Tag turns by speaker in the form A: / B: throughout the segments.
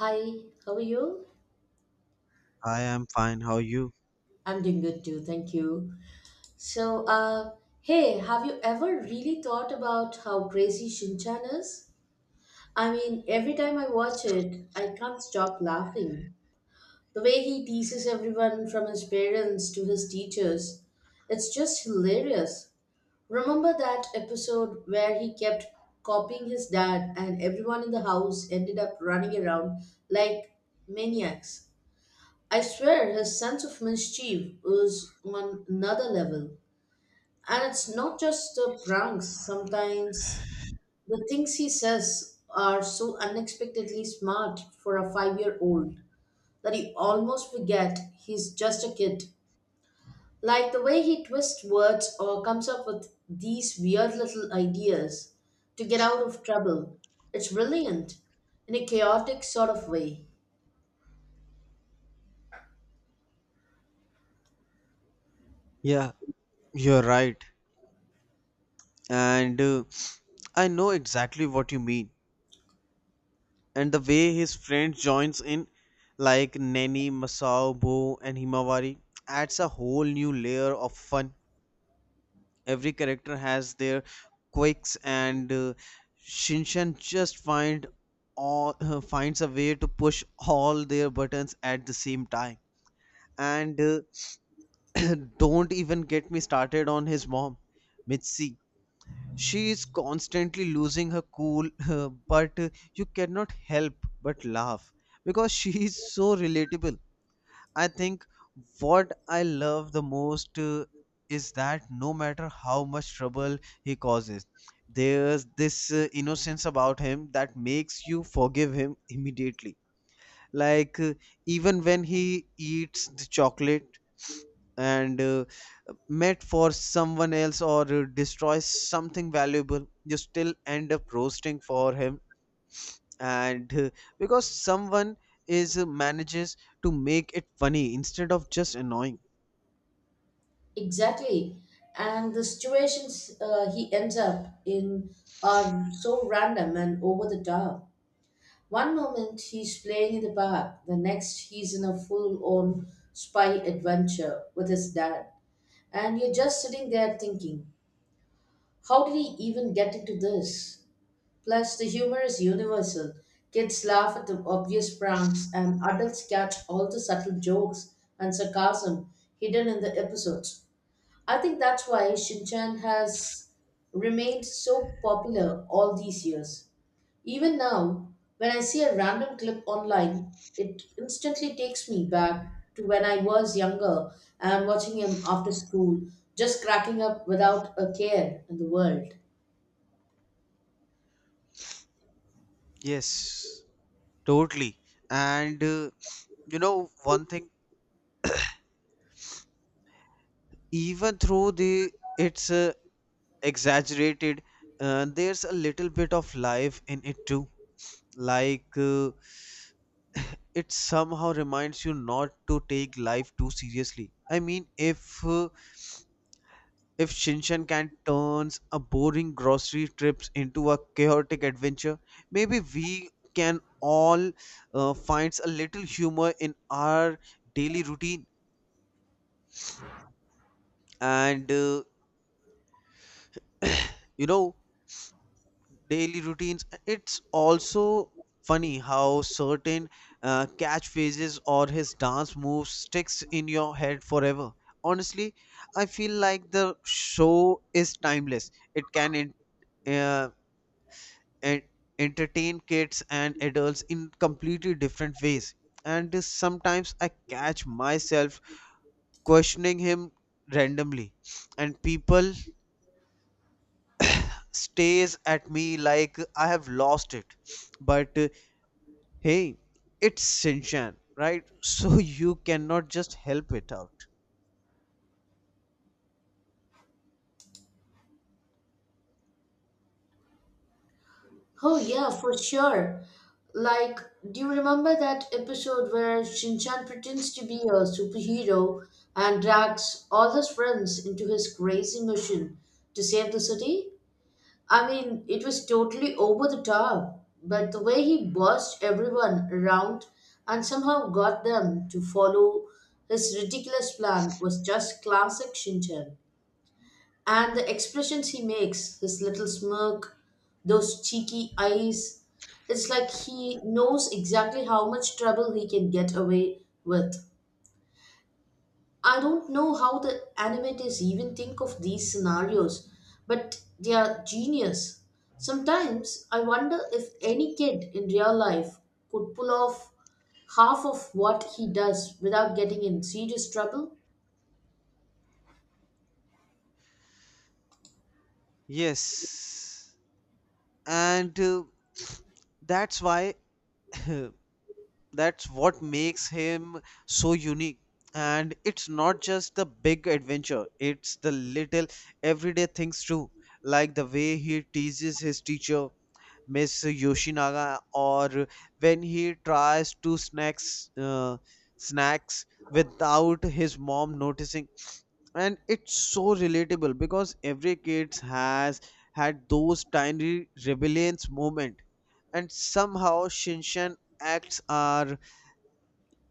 A: Hi, how are you?
B: I am fine. How are you?
A: I'm doing good too, thank you. So, uh, Hey, have you ever really thought about how crazy Shinchan is? I mean, every time I watch it, I can't stop laughing. The way he teases everyone from his parents to his teachers, it's just hilarious. Remember that episode where he kept copying his dad and everyone in the house ended up running around like maniacs? I swear his sense of mischief is on another level. And it's not just the pranks, sometimes the things he says are so unexpectedly smart for a 5-year old that you almost forget he's just a kid. Like the way he twists words or comes up with these weird little ideas to get out of trouble. It's brilliant in a chaotic sort of way.
B: Yeah, you're right. And I know exactly what you mean. And the way his friend joins in, like Nani, Masao, Bo, and Himawari, adds a whole new layer of fun. Every character has their quirks, and Shinshan just find all finds a way to push all their buttons at the same time. And don't even get me started on his mom, Mitzi. She is constantly losing her cool, but you cannot help but laugh because she is so relatable. I think what I love the most is that no matter how much trouble he causes, there's this innocence about him that makes you forgive him immediately. Like, uh, Even when he eats the chocolate and met for someone else or destroy something valuable, you still end up roasting for him and because someone is manages to make it funny instead of just annoying.
A: Exactly. And the situations he ends up in are so random and over the top. One moment he's playing in the park, the next he's in a full on spy adventure with his dad. And you're just sitting there thinking, how did he even get into this? Plus, the humor is universal. Kids laugh at the obvious pranks, and adults catch all the subtle jokes and sarcasm hidden in the episodes. I think that's why Shinchan has remained so popular all these years. Even now, when I see a random clip online, it instantly takes me back to when I was younger and watching him after school, just cracking up without a care in the world.
B: Yes, totally. And You know, one thing, even though the it's exaggerated, there's a little bit of life in it too, like it somehow reminds you not to take life too seriously. I mean, if Shinshan can turns a boring grocery trips into a chaotic adventure, maybe we can all finds a little humor in our daily routine. And You know, daily routines, it's also funny how certain catchphrases or his dance moves sticks in your head forever. Honestly, I feel like the show is timeless. It can uh, en- entertain kids and adults in completely different ways. And sometimes I catch myself questioning him randomly, and people stares at me like I have lost it. But, hey, it's Shinchan, right? So you cannot just help it out.
A: Oh, yeah, for sure. Like, do you remember that episode where Shinchan pretends to be a superhero and drags all his friends into his crazy mission to save the city? I mean, it was totally over the top, but the way he bossed everyone around and somehow got them to follow his ridiculous plan was just classic Shinchan. And the expressions he makes, his little smirk, those cheeky eyes, it's like he knows exactly how much trouble he can get away with. I don't know how the animators even think of these scenarios, but they are genius. Sometimes I wonder if any kid in real life could pull off half of what he does without getting in serious trouble.
B: Yes, and that's why that's what makes him so unique. And it's not just the big adventure, it's the little everyday things too, like the way he teases his teacher, Miss Yoshinaga, or when he tries to snacks without his mom noticing. And it's so relatable because every kid has had those tiny rebellious moment, and somehow Shinshan acts are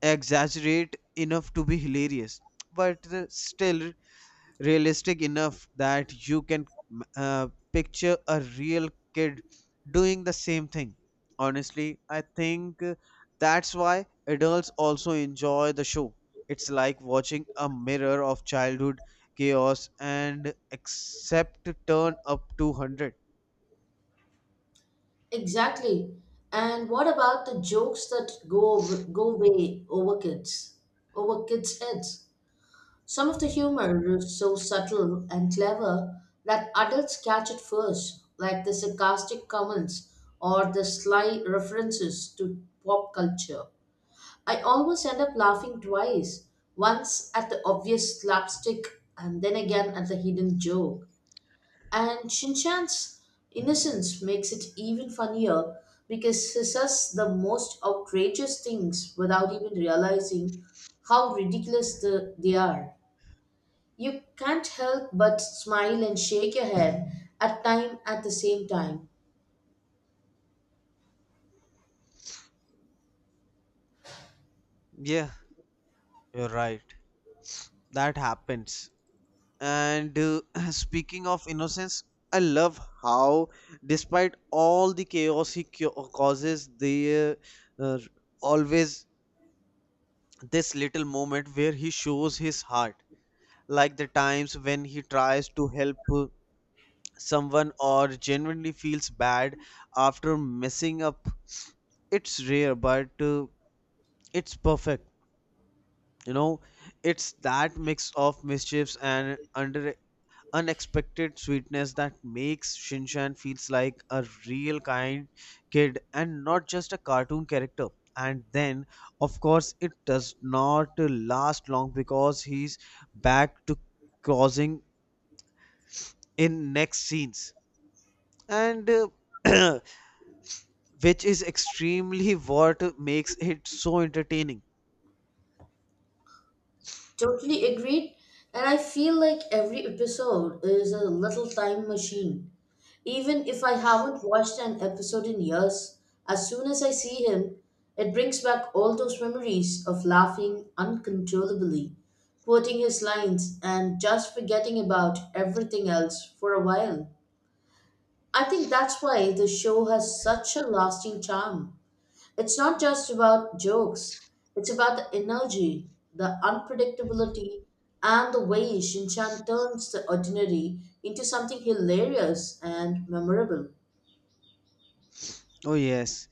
B: exaggerate enough to be hilarious but still realistic enough that you can uh, picture a real kid doing the same thing. Honestly, I think that's why adults also enjoy the show. It's like watching a mirror of childhood chaos and except turn up 200.
A: Exactly. And what about the jokes that go way over kids' heads? Some of the humor is so subtle and clever that adults catch it first, like the sarcastic comments or the sly references to pop culture. I always end up laughing twice, once at the obvious slapstick and then again at the hidden joke. And Shinchan's innocence makes it even funnier because he says the most outrageous things without even realizing how ridiculous they are. You can't help but smile and shake your head at the same time.
B: Yeah, you're right. That happens. And speaking of innocence, I love how, despite all the chaos he causes, there uh, uh, always this little moment where he shows his heart, like the times when he tries to help someone or genuinely feels bad after messing up. It's rare, but it's perfect. You know, it's that mix of mischiefs and under unexpected sweetness that makes Shinshan feels like a real kind kid and not just a cartoon character. And then, of course, it does not last long because he's back to causing in next scenes, and uh, which is extremely what makes it so entertaining.
A: Totally agreed. And I feel like every episode is a little time machine. Even if I haven't watched an episode in years, as soon as I see him, it brings back all those memories of laughing uncontrollably, quoting his lines, and just forgetting about everything else for a while. I think that's why the show has such a lasting charm. It's not just about jokes, it's about the energy, the unpredictability, and the way Shinchan turns the ordinary into something hilarious and memorable.
B: Oh yes.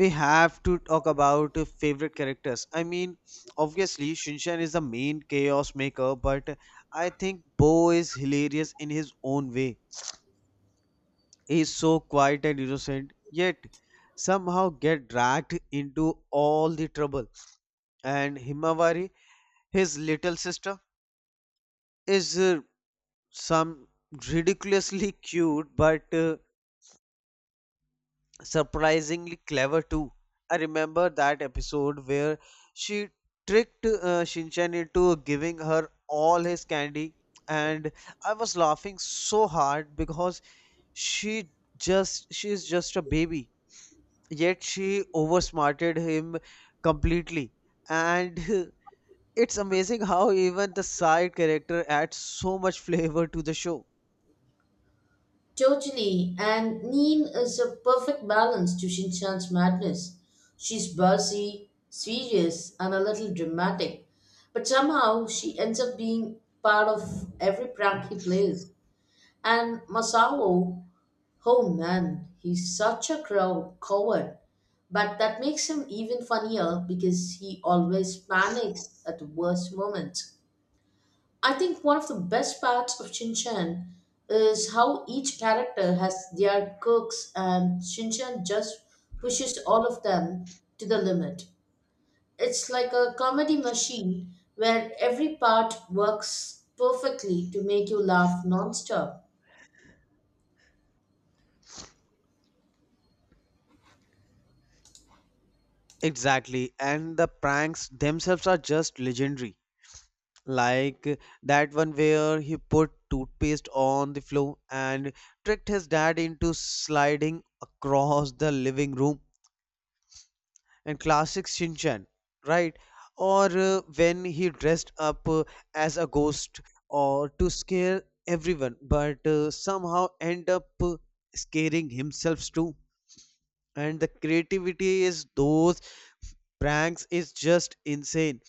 B: We have to talk about favorite characters. I mean, obviously, Shinshan is the main chaos maker, but I think Bo is hilarious in his own way. He is so quiet and innocent, yet somehow get dragged into all the trouble. And Himawari, his little sister, is some ridiculously cute but surprisingly clever too. I remember that episode where she tricked Shinchan into giving her all his candy, and I was laughing so hard because she she is just a baby, yet she oversmarted him completely, and it's amazing how even the side character adds so much flavor to the show.
A: Totally, and Neen is a perfect balance to Shinchan's madness. She's buzzy, serious, and a little dramatic, but somehow she ends up being part of every prank he plays. And Masao, oh man, he's such a crow coward. But that makes him even funnier because he always panics at the worst moment. I think one of the best parts of Shin Chan is how each character has their quirks and Shin Chan just pushes all of them to the limit. It's like a comedy machine where every part works perfectly to make you laugh nonstop.
B: Exactly, and the pranks themselves are just legendary. Like that one where he put toothpaste on the floor and tricked his dad into sliding across the living room, and classic Shinchan, right? Or when he dressed up as a ghost or to scare everyone, but somehow end up scaring himself too. And the creativity is those pranks is just insane.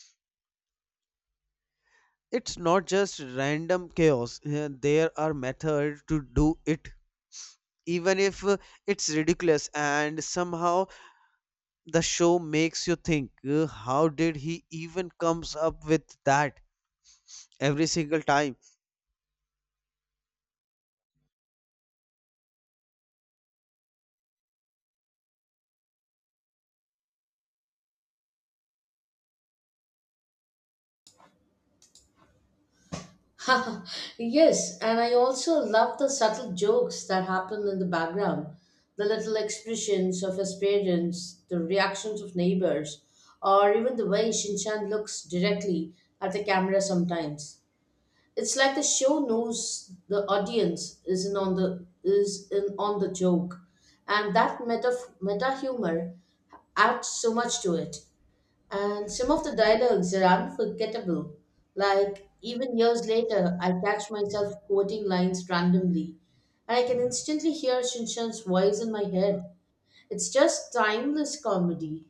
B: It's not just random chaos. There are methods to do it, even if it's ridiculous, and somehow the show makes you think, how did he even comes up with that every single time?
A: Yes, and I also love the subtle jokes that happen in the background, the little expressions of his parents, the reactions of neighbors, or even the way Shinchan looks directly at the camera sometimes. It's like the show knows the audience isn't on the is in on the joke, and that meta humor adds so much to it. And some of the dialogues are unforgettable. Like, even years later, I catch myself quoting lines randomly, and I can instantly hear Shinshan's voice in my head. It's just timeless comedy.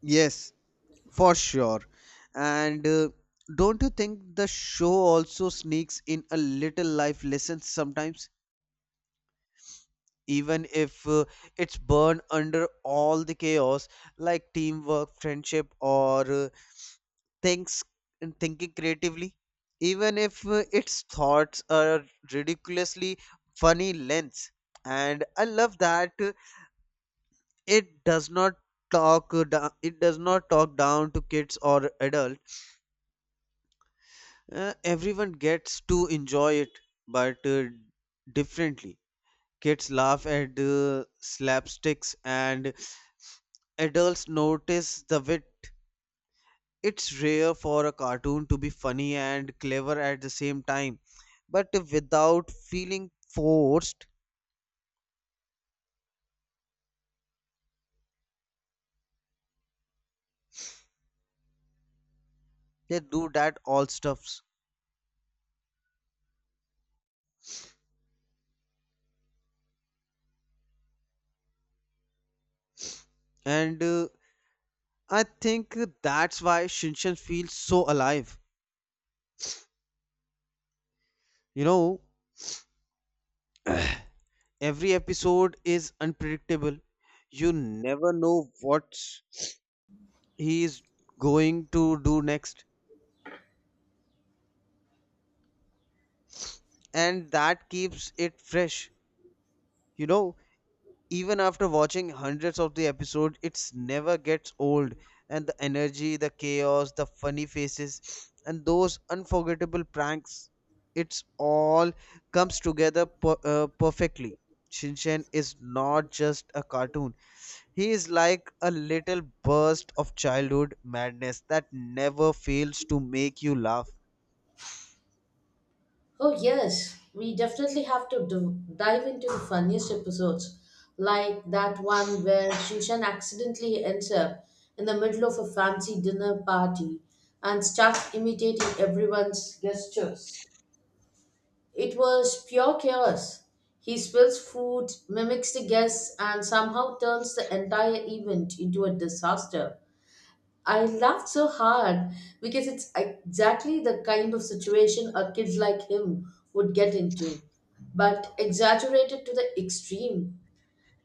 B: Yes, for sure. and Don't you think the show also sneaks in a little life lesson sometimes, even if it's burned under all the chaos, like teamwork, friendship, or thinks thinking creatively, even if its thoughts are ridiculously funny lengths. And I love that it does not it does not talk down to kids or adults. Everyone gets to enjoy it, but differently. Kids laugh at slapsticks, and adults notice the wit. It's rare for a cartoon to be funny and clever at the same time, but without feeling forced, they do that all stuffs. And I think that's why Shinchan feels so alive. You know, every episode is unpredictable. You never know what he is going to do next, and that keeps it fresh. You know, even after watching hundreds of the episode, it's never gets old. And the energy, the chaos, the funny faces, and those unforgettable pranks, it's all comes together perfectly. Shinshan is not just a cartoon, he is like a little burst of childhood madness that never fails to make you laugh.
A: Oh, yes, we definitely have to dive into the funniest episodes, like that one where Shinshan accidentally ends up in the middle of a fancy dinner party and starts imitating everyone's gestures. It was pure chaos. He spills food, mimics the guests, and somehow turns the entire event into a disaster. I laughed so hard because it's exactly the kind of situation a kid like him would get into, but exaggerated to the extreme.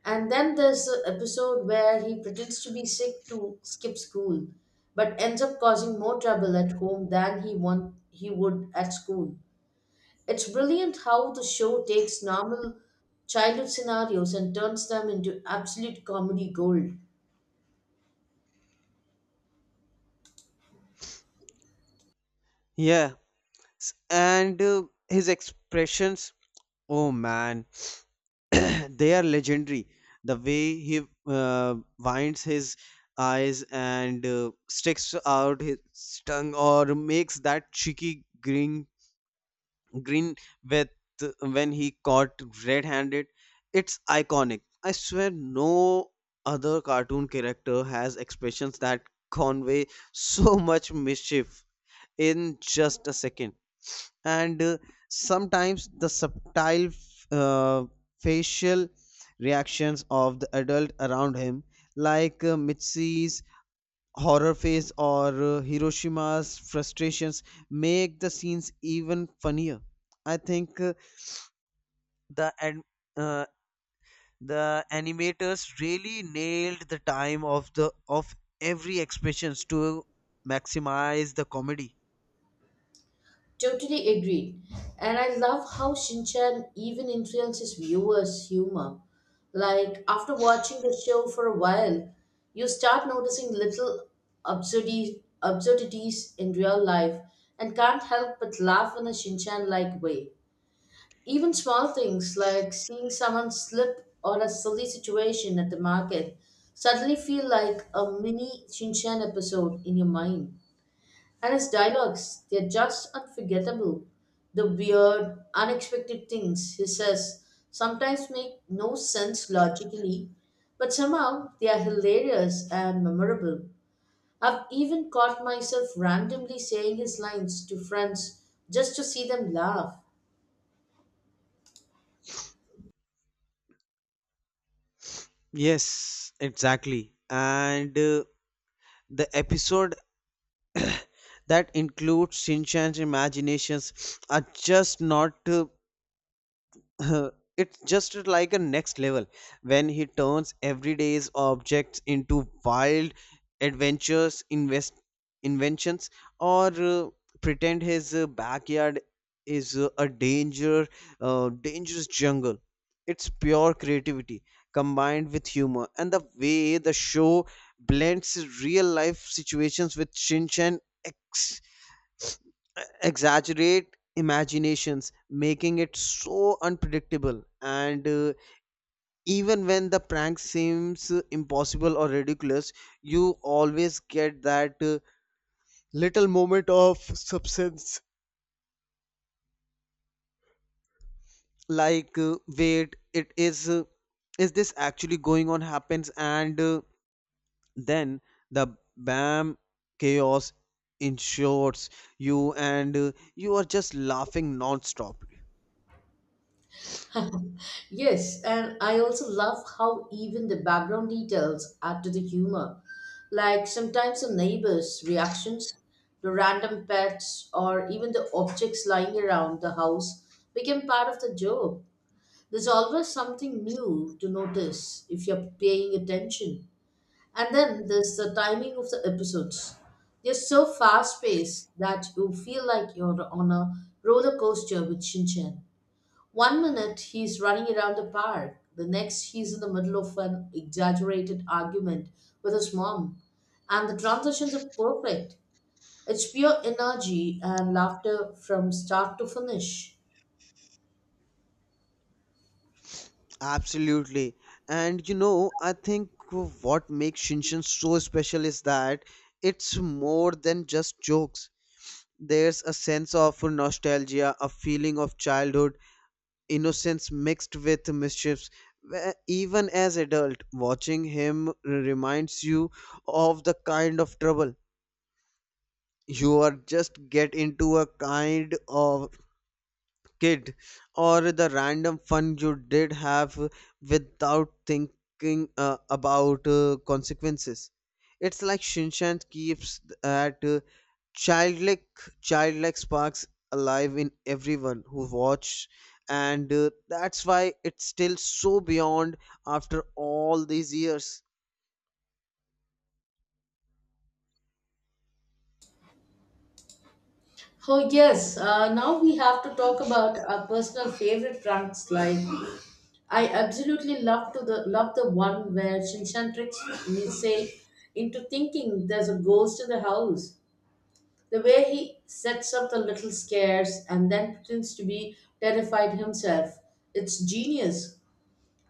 A: And then there's the episode where he pretends to be sick to skip school, but ends up causing more trouble at home than he would at school. It's brilliant how the show takes normal childhood scenarios and turns them into absolute comedy gold.
B: Yeah. And his expressions, oh man, they are legendary. The way he winds his eyes and sticks out his tongue or makes that cheeky grin with when he caught red-handed, it's iconic. I swear, no other cartoon character has expressions that convey so much mischief in just a second. And Sometimes the subtle uh, facial reactions of the adult around him, like Mitzi's horror face or Hiroshima's frustrations, make the scenes even funnier. I think uh, the ad- uh, the animators really nailed the time of the of every expressions to maximize the comedy.
A: Totally agreed. And I love how Shinchan even influences viewers' humor. Like, after watching the show for a while, you start noticing little absurdities in real life and can't help but laugh in a Shinchan like way. Even small things like seeing someone slip or a silly situation at the market suddenly feel like a mini Shinchan episode in your mind. And his dialogues, they're just unforgettable. The weird, unexpected things he says sometimes make no sense logically, but somehow they are hilarious and memorable. I've even caught myself randomly saying his lines to friends just to see them laugh.
B: Yes, exactly. and The episode that include Shinchan's imaginations are just not it's just like a next level. When he turns everyday's objects into wild adventures invest inventions or pretend his backyard is a dangerous jungle, it's pure creativity combined with humor. And the way the show blends real life situations with Shinchan exaggerate imaginations, making it so unpredictable. And Even when the prank seems impossible or ridiculous, you always get that little moment of substance, like, wait, it is. Is this actually going on happens, and then the bam chaos ensures you, and you are just laughing non-stop.
A: Yes, and I also love how even the background details add to the humor. Like sometimes the neighbors' reactions, the random pets, or even the objects lying around the house become part of the joke. There's always something new to notice if you're paying attention. And then there's the timing of the episodes. They're so fast paced that you feel like you're on a roller coaster with Shinchan. One minute he's running around the park, the next he's in the middle of an exaggerated argument with his mom. And the transitions are perfect. It's pure energy and laughter from start to finish.
B: Absolutely. And you know, I think what makes Shinshin so special is that it's more than just jokes. There's a sense of nostalgia, a feeling of childhood, innocence mixed with mischiefs. Where even as adult, watching him reminds you of the kind of trouble you are just get into a kind of kid, or the random fun you did have without thinking about consequences. It's like Shinshan keeps that childlike, childlike sparks alive in everyone who watched, and that's why it's still so beyond after all these years.
A: Oh, yes, now we have to talk about our personal favorite pranks. Like, I absolutely love the one where Shinshan tricks Nisei into thinking there's a ghost in the house. The way he sets up the little scares and then pretends to be terrified himself, it's genius.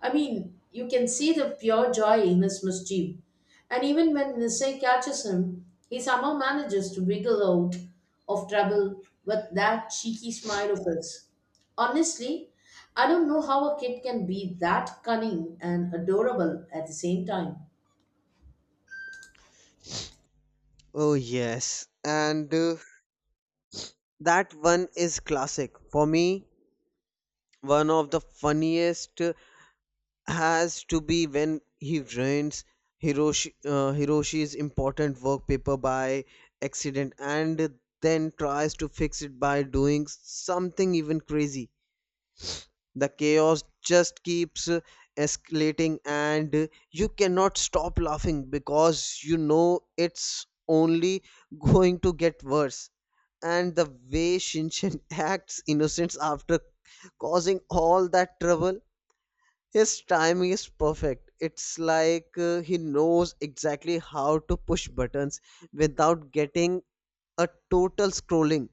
A: I mean, you can see the pure joy in his mischief. And even when Nisei catches him, he somehow manages to wiggle out of trouble with that cheeky smile of his. Honestly, I don't know how a kid can be that cunning and adorable at the same time.
B: Oh yes, and that one is classic for me. One of the funniest has to be when he ruins Hiroshi's important work paper by accident and then tries to fix it by doing something even crazy. The chaos just keeps escalating, and you cannot stop laughing because you know it's only going to get worse. And the way Shinshin acts innocent after causing all that trouble, his timing is perfect. It's like he knows exactly how to push buttons without getting a total scrolling,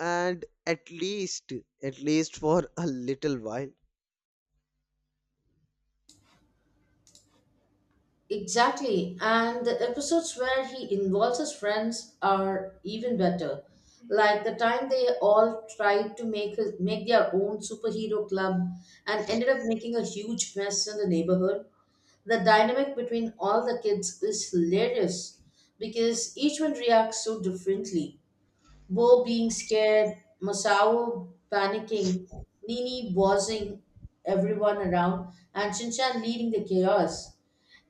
B: and at least for a little while.
A: Exactly, and the episodes where he involves his friends are even better. Like the time they all tried to make their own superhero club and ended up making a huge mess in the neighborhood. The dynamic between all the kids is hilarious because each one reacts so differently. Bo being scared, Masao panicking, Nini bossing everyone around, and Shinchan leading the chaos.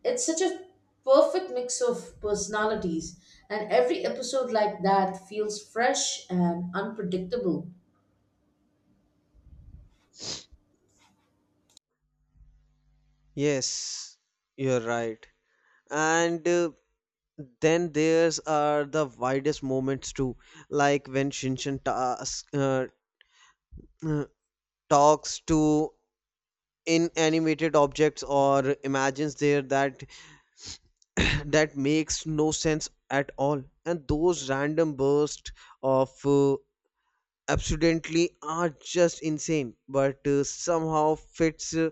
A: It's such a perfect mix of personalities, and every episode like that feels fresh and unpredictable.
B: Yes, you're right. And Then there's are the widest moments too, like when Shinshin uh, talks to inanimated objects or imagines there that that makes no sense at all. And those random bursts of absurdity are just insane, but somehow fits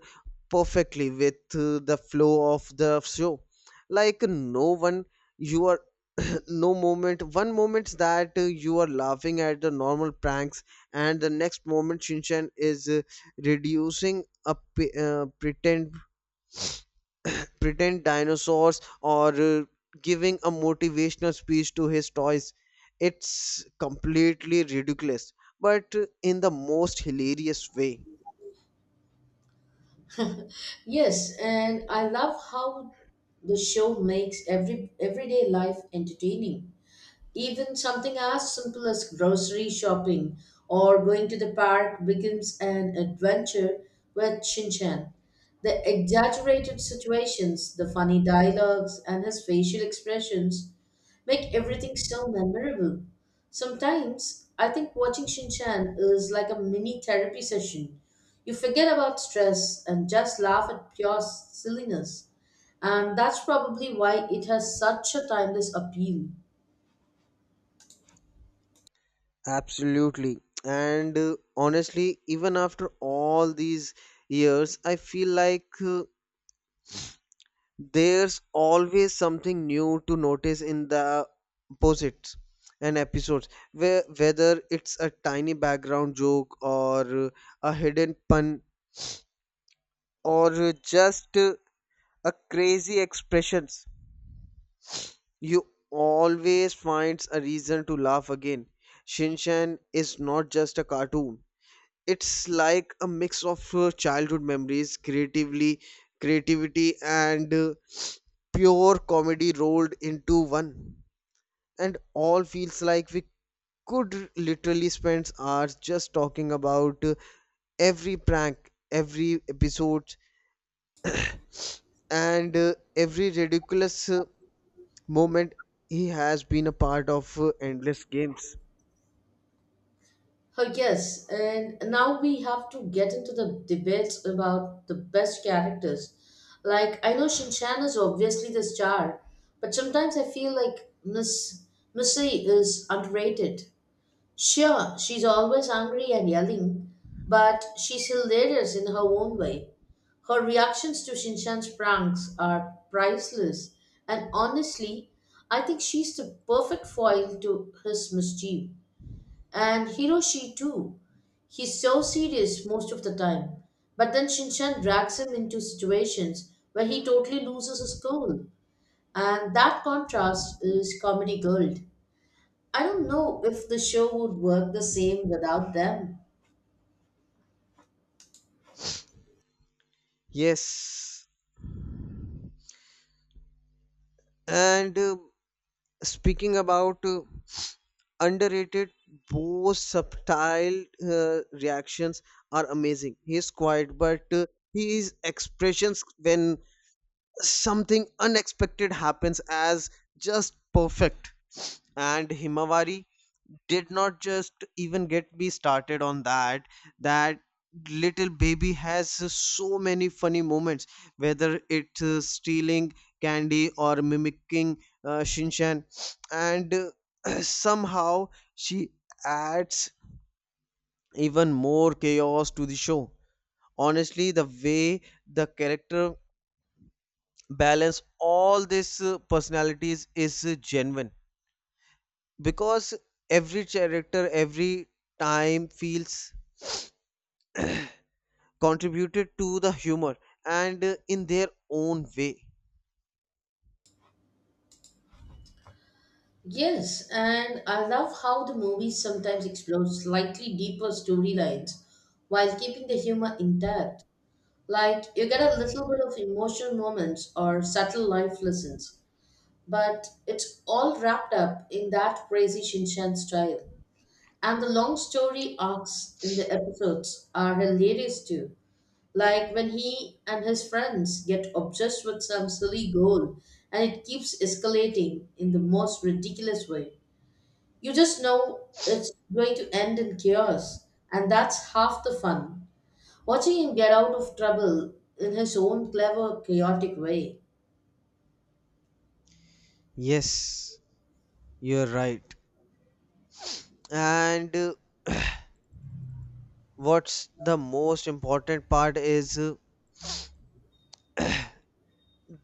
B: perfectly with the flow of the show. Like no one you are no moment one moment that you are laughing at the normal pranks, and the next moment Shinchan is reducing a pretend dinosaurs or giving a motivational speech to his toys. It's completely ridiculous, but in the most hilarious way.
A: Yes, and I love how the show makes everyday life entertaining. Even something as simple as grocery shopping or going to the park becomes an adventure with Shinchan. The exaggerated situations, the funny dialogues, and his facial expressions make everything so memorable. Sometimes I think watching Shinchan is like a mini therapy session. You forget about stress and just laugh at pure silliness. And that's probably why it has such a timeless appeal.
B: Absolutely. And Honestly, even after all these years, I feel like there's always something new to notice in the posits and episodes, where, whether it's a tiny background joke or a hidden pun or just a crazy expressions you always finds a reason to laugh again. Shinshan is not just a cartoon, it's like a mix of childhood memories, creatively creativity, and pure comedy rolled into one. And all feels like we could literally spend hours just talking about every prank, every episode, and every ridiculous moment he has been a part of endless games.
A: Yes, and now we have to get into the debates about the best characters. Like, I know Shinshan is obviously the star, but sometimes I feel like Missy is underrated. Sure, she's always angry and yelling, but she's hilarious in her own way. Her reactions to Shinshan's pranks are priceless, and honestly, I think she's the perfect foil to his mischief. And Hiroshi too. He's so serious most of the time. But then Shinchan drags him into situations where he totally loses his cool. And that contrast is comedy gold. I don't know if the show would work the same without them.
B: Yes, and speaking about underrated, both subtle reactions are amazing. He is quiet, but his expressions when something unexpected happens as just perfect. And Himawari did not just even get me started on that little baby has so many funny moments, whether it's stealing candy or mimicking shinshan and somehow she adds even more chaos to the show. Honestly, the way the character balance all these personalities is genuine, because every character every time feels contributed to the humor and in their own way.
A: Yes, and I love how the movie sometimes explores slightly deeper storylines while keeping the humor intact. Like, you get a little bit of emotional moments or subtle life lessons but it's all wrapped up in that crazy Shinshan style. And the long story arcs in the episodes are hilarious too. Like when he and his friends get obsessed with some silly goal and it keeps escalating in the most ridiculous way. You just know it's going to end in chaos, and that's half the fun. Watching him get out of trouble in his own clever, chaotic way.
B: Yes, you're right. And what's the most important part is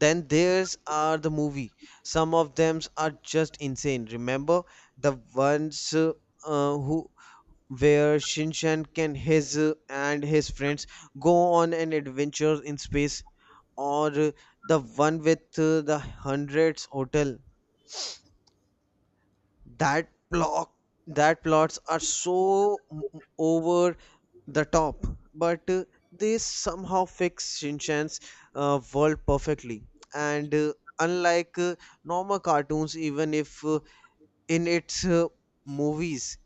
B: then there's are the movie. Some of them are just insane. Remember the ones who where Shinshan can his and his friends go on an adventure in space, or the one with the hundreds hotel that block, that plots are so over the top, but they somehow fix Shinchan's world perfectly, and unlike normal cartoons, even if in its movies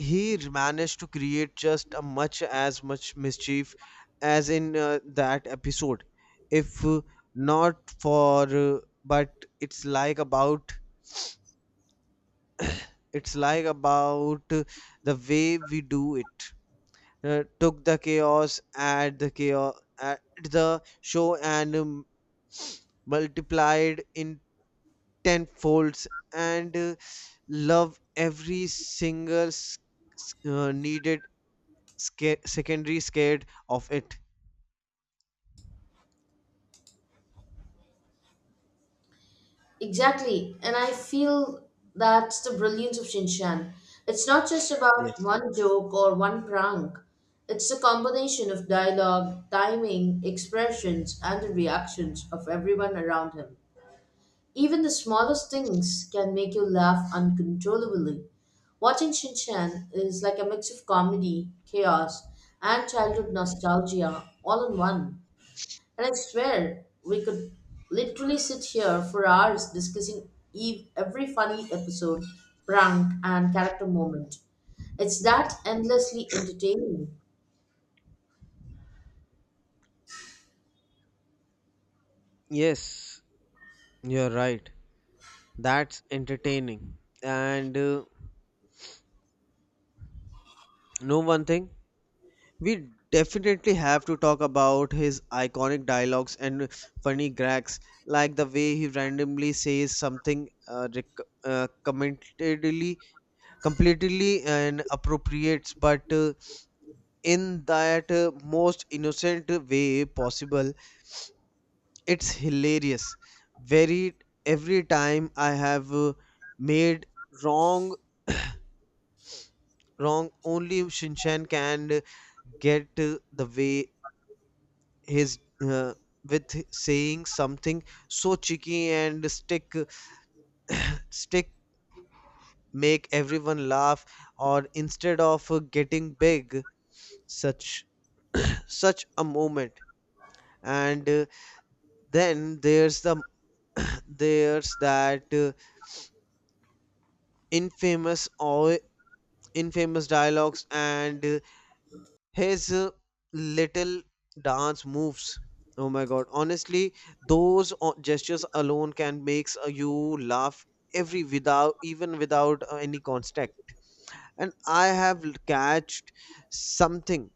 B: he managed to create just a much as much mischief as in that episode, if not for but it's like about the way we do it, took the chaos, add the chaos at the show, and multiplied in ten folds, and love every single needed secondary scared of it.
A: Exactly. And I feel that's the brilliance of Shinshan. It's not just about
B: yes
A: one joke or one prank. It's a combination of dialogue, timing, expressions, and the reactions of everyone around him. Even the smallest things can make you laugh uncontrollably. Watching Shinchan is like a mix of comedy, chaos, and childhood nostalgia all in one. And I swear, we could literally sit here for hours discussing every funny episode, prank, and character moment. It's that endlessly entertaining.
B: yes, you're right, that's entertaining. And Know one thing, we definitely have to talk about his iconic dialogues and funny gags, like the way he randomly says something commentedly, completely and appropriates, but in that most innocent way possible. It's hilarious. Very every time I have made wrong wrong only Shinchan can get, the way his uh, with saying something so cheeky and stick make everyone laugh, or instead of getting big, such such a moment. And then there's the there's that infamous or infamous dialogues and his little dance moves. Oh my god, honestly, those gestures alone can makes you laugh every without even without any context. And I have catched something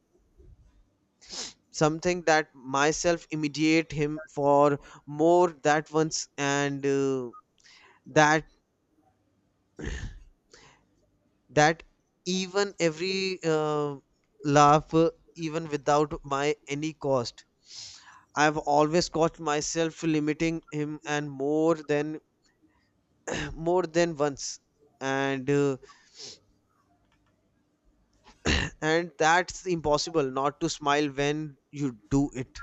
B: something that myself immediate him for more that once, and that that even every laugh even without my any cost. I've always caught myself limiting him and more than more than once, and uh, and that's impossible not to smile when you do it.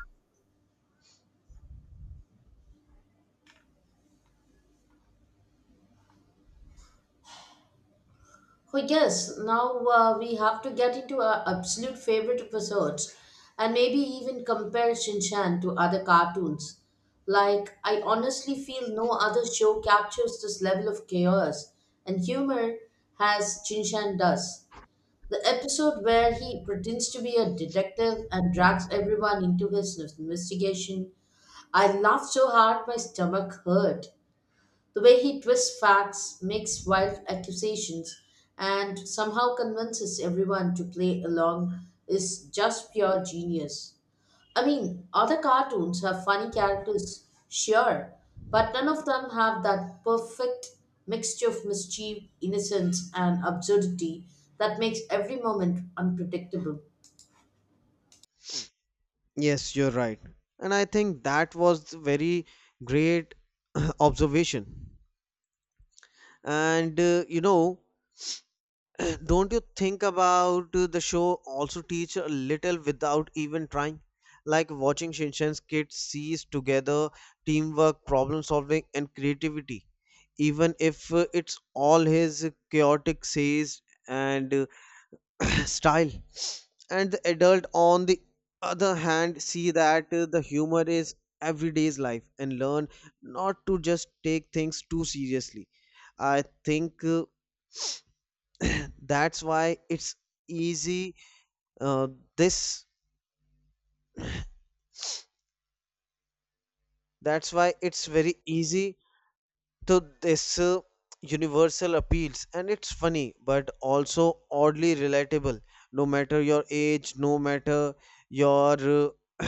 A: Oh, yes, now we have to get into our absolute favorite episodes and maybe even compare Shinchan to other cartoons. Like, I honestly feel no other show captures this level of chaos and humor as Shinchan does. The episode where he pretends to be a detective and drags everyone into his investigation. I laughed so hard my stomach hurt. The way he twists facts, makes wild accusations, and somehow convinces everyone to play along is just pure genius. I mean, other cartoons have funny characters, sure, but none of them have that perfect mixture of mischief, innocence, and absurdity that makes every moment unpredictable.
B: Yes you're right, and I think that was very great observation. And you know, don't you think about the show also teach a little without even trying? Like watching Shinshan's kids seize together teamwork, problem solving, and creativity, even if it's all his chaotic says and style. And the adult, on the other hand, see that the humor is everyday's life and learn not to just take things too seriously. I think. That's why it's easy uh, this, that's why it's very easy to this universal appeals, and it's funny but also oddly relatable, no matter your age, no matter your uh,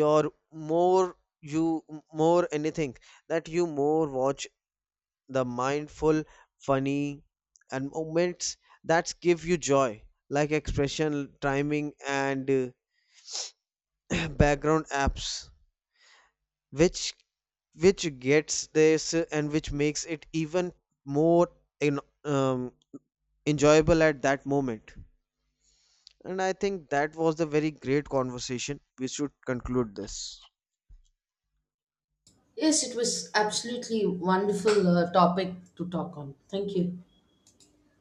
B: your more you more anything that you more watch, the mindful funny and moments that give you joy, like expression, timing, and background apps which which gets this and which makes it even more in, um, enjoyable at that moment. And I think that was the very great conversation, we should conclude this.
A: Yes, it was absolutely wonderful topic to talk on. Thank you.